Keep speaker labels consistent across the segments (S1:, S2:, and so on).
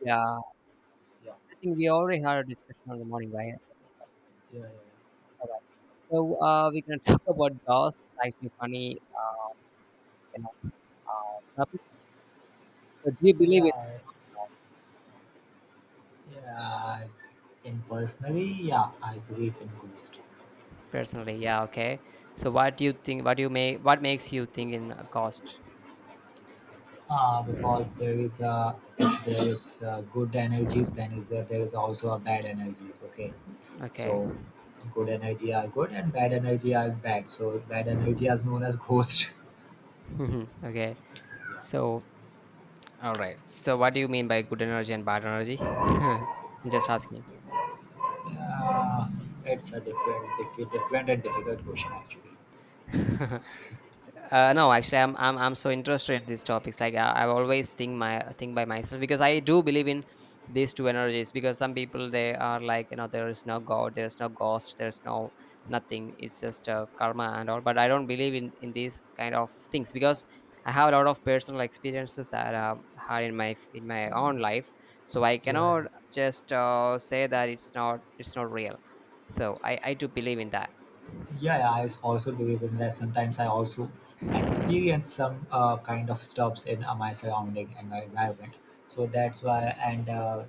S1: Yeah, I
S2: Yeah,
S1: think we already had a discussion on the morning, right?
S2: yeah,
S1: All right. So we're gonna talk about ghosts. It's actually funny, you know, topic. So do you
S2: yeah,
S1: believe it
S2: yeah, yeah. And personally, yeah, I believe in ghost.
S1: personally? Yeah. Okay. So what do you think? What do you make? What makes you think in a ghost?
S2: Because there is a if there is good energies, then there is also a bad energies. Okay,
S1: Okay.
S2: so good energy are good and bad energy are bad. So bad energy is known as ghost.
S1: Mhm, okay. So all right. So what do you mean by good energy and bad energy? I'm just asking.
S2: yeah, it's a different and difficult question actually.
S1: No, actually, I'm so interested in these topics. Like I always think my think by myself because I do believe in these two energies. Because some people they are like there is no God, there is no ghost, there is no nothing. It's just karma and all. But I don't believe in these kind of things because I have a lot of personal experiences that I have had in my own life. So I
S2: Yeah,
S1: cannot just say that it's not real. So I do believe in that.
S2: Yeah, I also believe in that. Sometimes I also experience some kind of stops in my surrounding and my environment. So that's why, and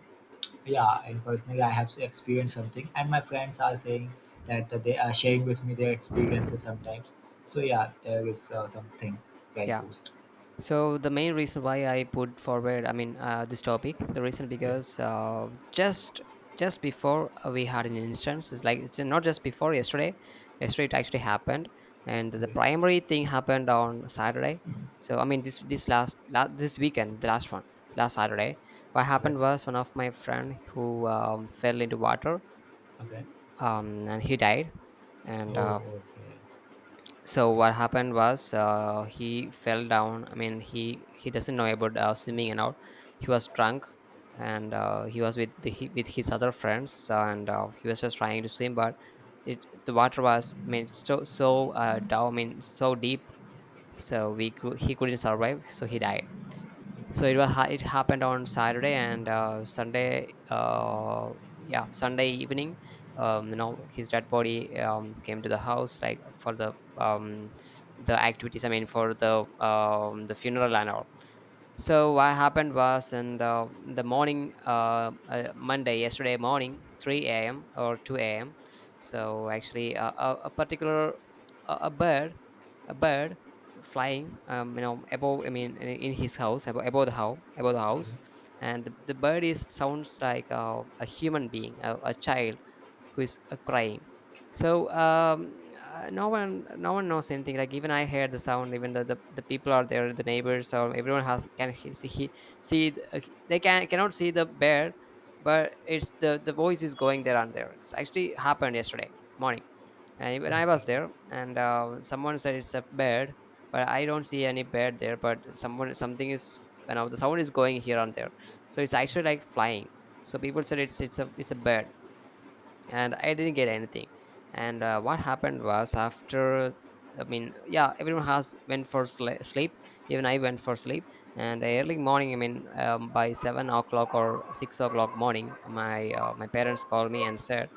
S2: yeah, and personally, I have experienced something, and my friends are saying that they are sharing with me their experiences sometimes. So yeah, there is something like
S1: Yeah.
S2: ghost.
S1: So the main reason why I put forward, I mean, this topic, the reason
S2: Yeah.
S1: because just before we had an instance, it's like it's not just before yesterday. Yesterday it actually happened, and the
S2: Okay.
S1: primary thing happened on Saturday. So I mean, this last this weekend, the last one, last Saturday, what
S2: Okay.
S1: happened was one of my friend who fell into water,
S2: Okay.
S1: and he died, and
S2: Oh. Okay.
S1: so what happened was he fell down. I mean he doesn't know about swimming and all. He was drunk and he was with the, he, with his other friends and he was just trying to swim, but it the water was I mean so down. I mean so deep, so he couldn't survive, so he died. So it was it happened on Saturday and Sunday. Yeah, Sunday evening. His dead body came to the house like for the the activities. I mean, for the the funeral and all. So what happened was, in the morning, Monday, yesterday morning, 3 a.m. or 2 a.m. So actually, a particular, a bird, a bird flying, above. I mean, in his house, above the house,
S2: Okay.
S1: and the bird is sounds like a human being, a child who is crying. So no one knows anything. Like, even I heard the sound, even the people are there, the neighbors, or everyone has. Can see he, see they can cannot see the bear, but it's the voice is going there and there. It's actually happened yesterday morning, and even I
S2: Okay.
S1: was there, and someone said it's a bear, but I don't see any bear there. But someone something is the sound is going here and there. So it's actually like flying. So people said it's a bear, and I didn't get anything. And what happened was after, I mean, yeah, everyone has went for sleep. Even I went for sleep. And early morning, I mean, by 7 o'clock or 6 o'clock morning, my parents called me and said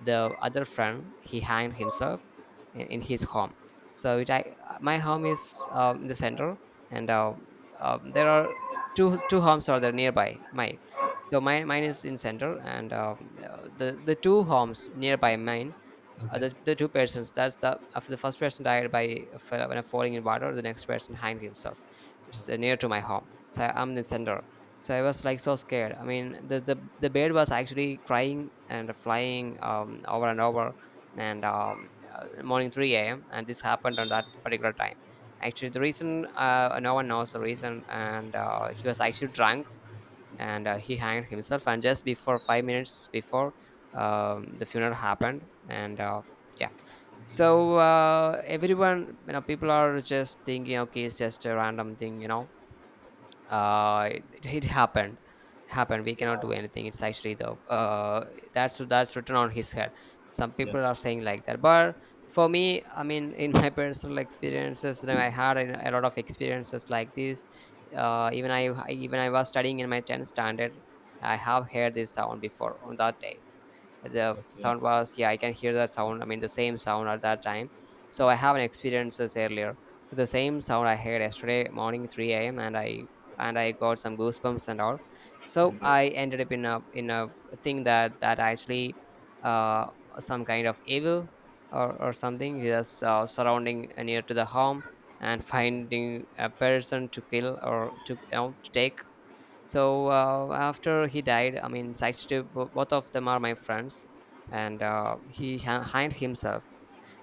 S1: the other friend he hanged himself in his home. So my home is in the center, and there are two homes are there nearby my. So mine is in center, and the two homes nearby mine.
S2: Okay. Okay.
S1: The two persons, that's the of the first person died by when I falling in water, the next person hanged himself. It's near to my home, so I'm the center. So I was like so scared. I mean the bird was actually crying and flying, over and over, and morning 3 a.m, and this happened on that particular time. Actually, the reason no one knows the reason, and he was actually drunk, and he hanged himself. And just before 5 minutes before the funeral happened, and yeah. So everyone, people are just thinking, okay, it's just a random thing, you know It happened, we cannot do anything. It's actually the that's written on his head, some
S2: Yeah.
S1: people are saying like that. But for me, I mean, in my personal experiences, you know, I had a lot of experiences like this. Even I was studying in my 10th standard, I have heard this sound before. On that day the
S2: Okay.
S1: sound was, yeah, I can hear that sound. I mean the same sound at that time. So I haven't experienced this earlier. So the same sound I heard yesterday morning 3 a.m, and I got some goosebumps and all. So
S2: Okay.
S1: I ended up in a thing that actually uh some kind of evil, or something just surrounding near to the home, and finding a person to kill, or to to take. So after he died, I mean, Sykes, both of them are my friends, and hanged himself.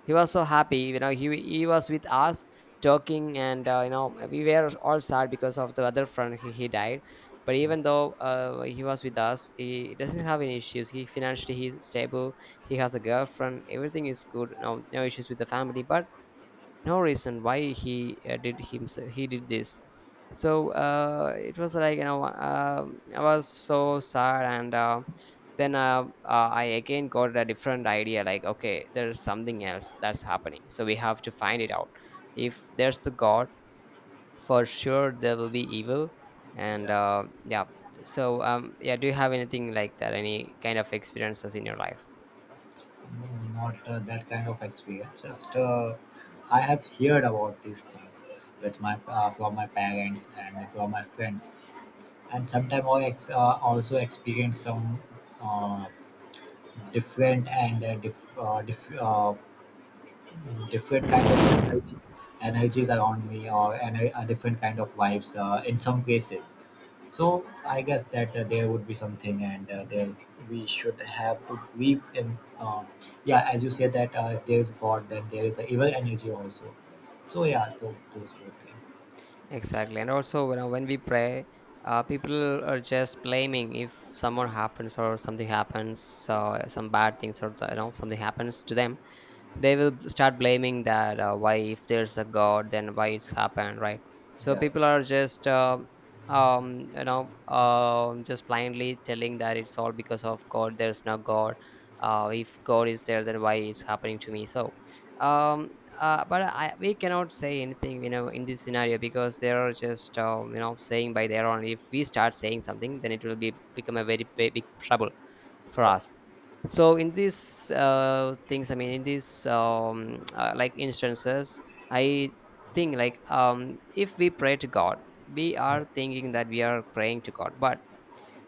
S1: He was so happy, you know he was with us talking, and we were all sad because of the other friend. He died. But even though he was with us, he doesn't have any issues. He, financially he's stable, he has a girlfriend, everything is good, no issues with the family, but no reason why he did himself, he did this. So it was like, I was so sad. And then I again got a different idea like, okay, there's something else that's happening, so we have to find it out. If there's a god, for sure there will be evil. And
S2: Yeah.
S1: yeah. So yeah, do you have anything like that, any kind of experiences in your life?
S2: No, not that kind of experience. Just I have heard about these things with my from my parents and from my friends, and sometimes also experience some uh, different and different kind of energy energies around me or and a different kind of vibes in some cases, so I guess that there would be something, and there we should have to believe in. Yeah, as you said that if there is God, then there is a evil energy also. So yeah, those both things.
S1: Exactly. And also, when we pray, people are just blaming. If someone happens or something happens, so some bad things, or something happens to them, they will start blaming that, why if there's a god, then why it's happened, right? So
S2: Yeah,
S1: people are just just blindly telling that it's all because of God. There's no God. If God is there, then why it's happening to me? So um but we cannot say anything, in this scenario, because they are just saying by their own. If we start saying something, then it will be become a very big, big trouble for
S2: yeah,
S1: us. So in these things, I mean in these like instances, I think like, if we pray to God, we
S2: yeah,
S1: are thinking that we are praying to God, but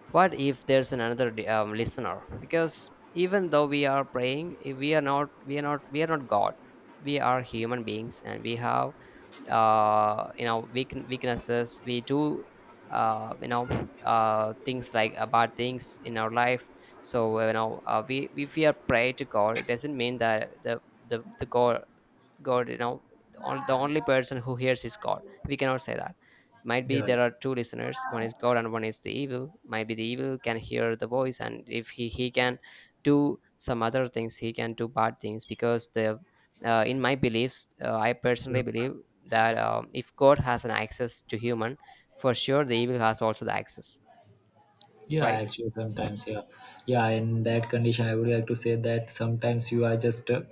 S1: what if there's another listener? Because even though we are praying, if we are not we are not we are not God. We are human beings, and we have weaknesses. We do uh, you know things like bad things in our life. So we if we are pray to god, it doesn't mean that the god. The only person who hears is God. We cannot say that. Might be
S2: yeah, yeah.
S1: there are two listeners, one is God and one is the evil. Might be the evil can hear the voice, and if he can do some other things, he can do bad things. Because the in my beliefs, I
S2: Yeah.
S1: personally believe that, if God has an access to human, for sure the evil has also the access,
S2: Yeah,
S1: right?
S2: actually, sometimes, yeah, yeah. In that condition, I would like to say that sometimes you are just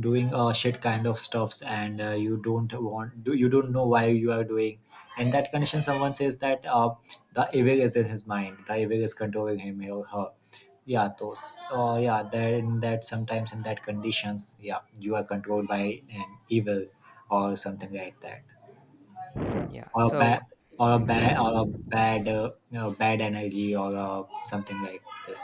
S2: doing shit kind of stuffs, and you don't want, do you don't know why you are doing. In that condition, someone says that the evil is in his mind, the evil is controlling him or her. Yeah, those. Yeah, then that sometimes in that conditions, yeah, you are controlled by an evil or something like that,
S1: Yeah.
S2: or a
S1: So,
S2: bad or a
S1: mm.
S2: bad you know, bad energy or something like this.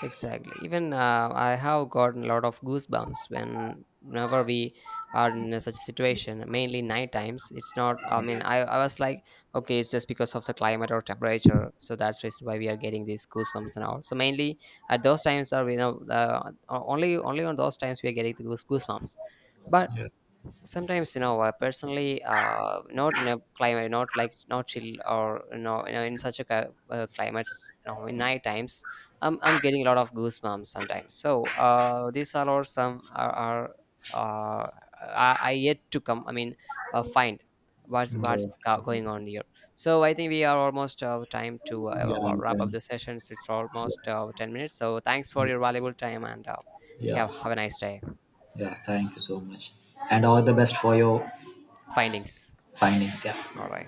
S1: Exactly. Even I have gotten a lot of goosebumps whenever we are in a such situation, mainly night times. It's not, I mean, I was like, okay, it's just because of the climate or temperature. So that's reason why we are getting these goosebumps and all. So mainly at those times are, only on those times we are getting the goosebumps. But
S2: Yeah,
S1: sometimes, personally, not in a climate, not like not chill, or in such a climate, in night times, I'm getting a lot of goosebumps sometimes. So these are all some are uh, I yet to come. I mean, find what's
S2: yeah,
S1: what's going on here. So I think we are almost time to
S2: yeah, you
S1: wrap up
S2: can.
S1: the sessions. It's almost 10 minutes. So thanks for your
S2: Yeah,
S1: valuable time, and
S2: yeah,
S1: yeah, have a nice day.
S2: yeah, thank you so much and all the best for your
S1: Findings.
S2: findings,
S1: All
S2: yeah.
S1: right.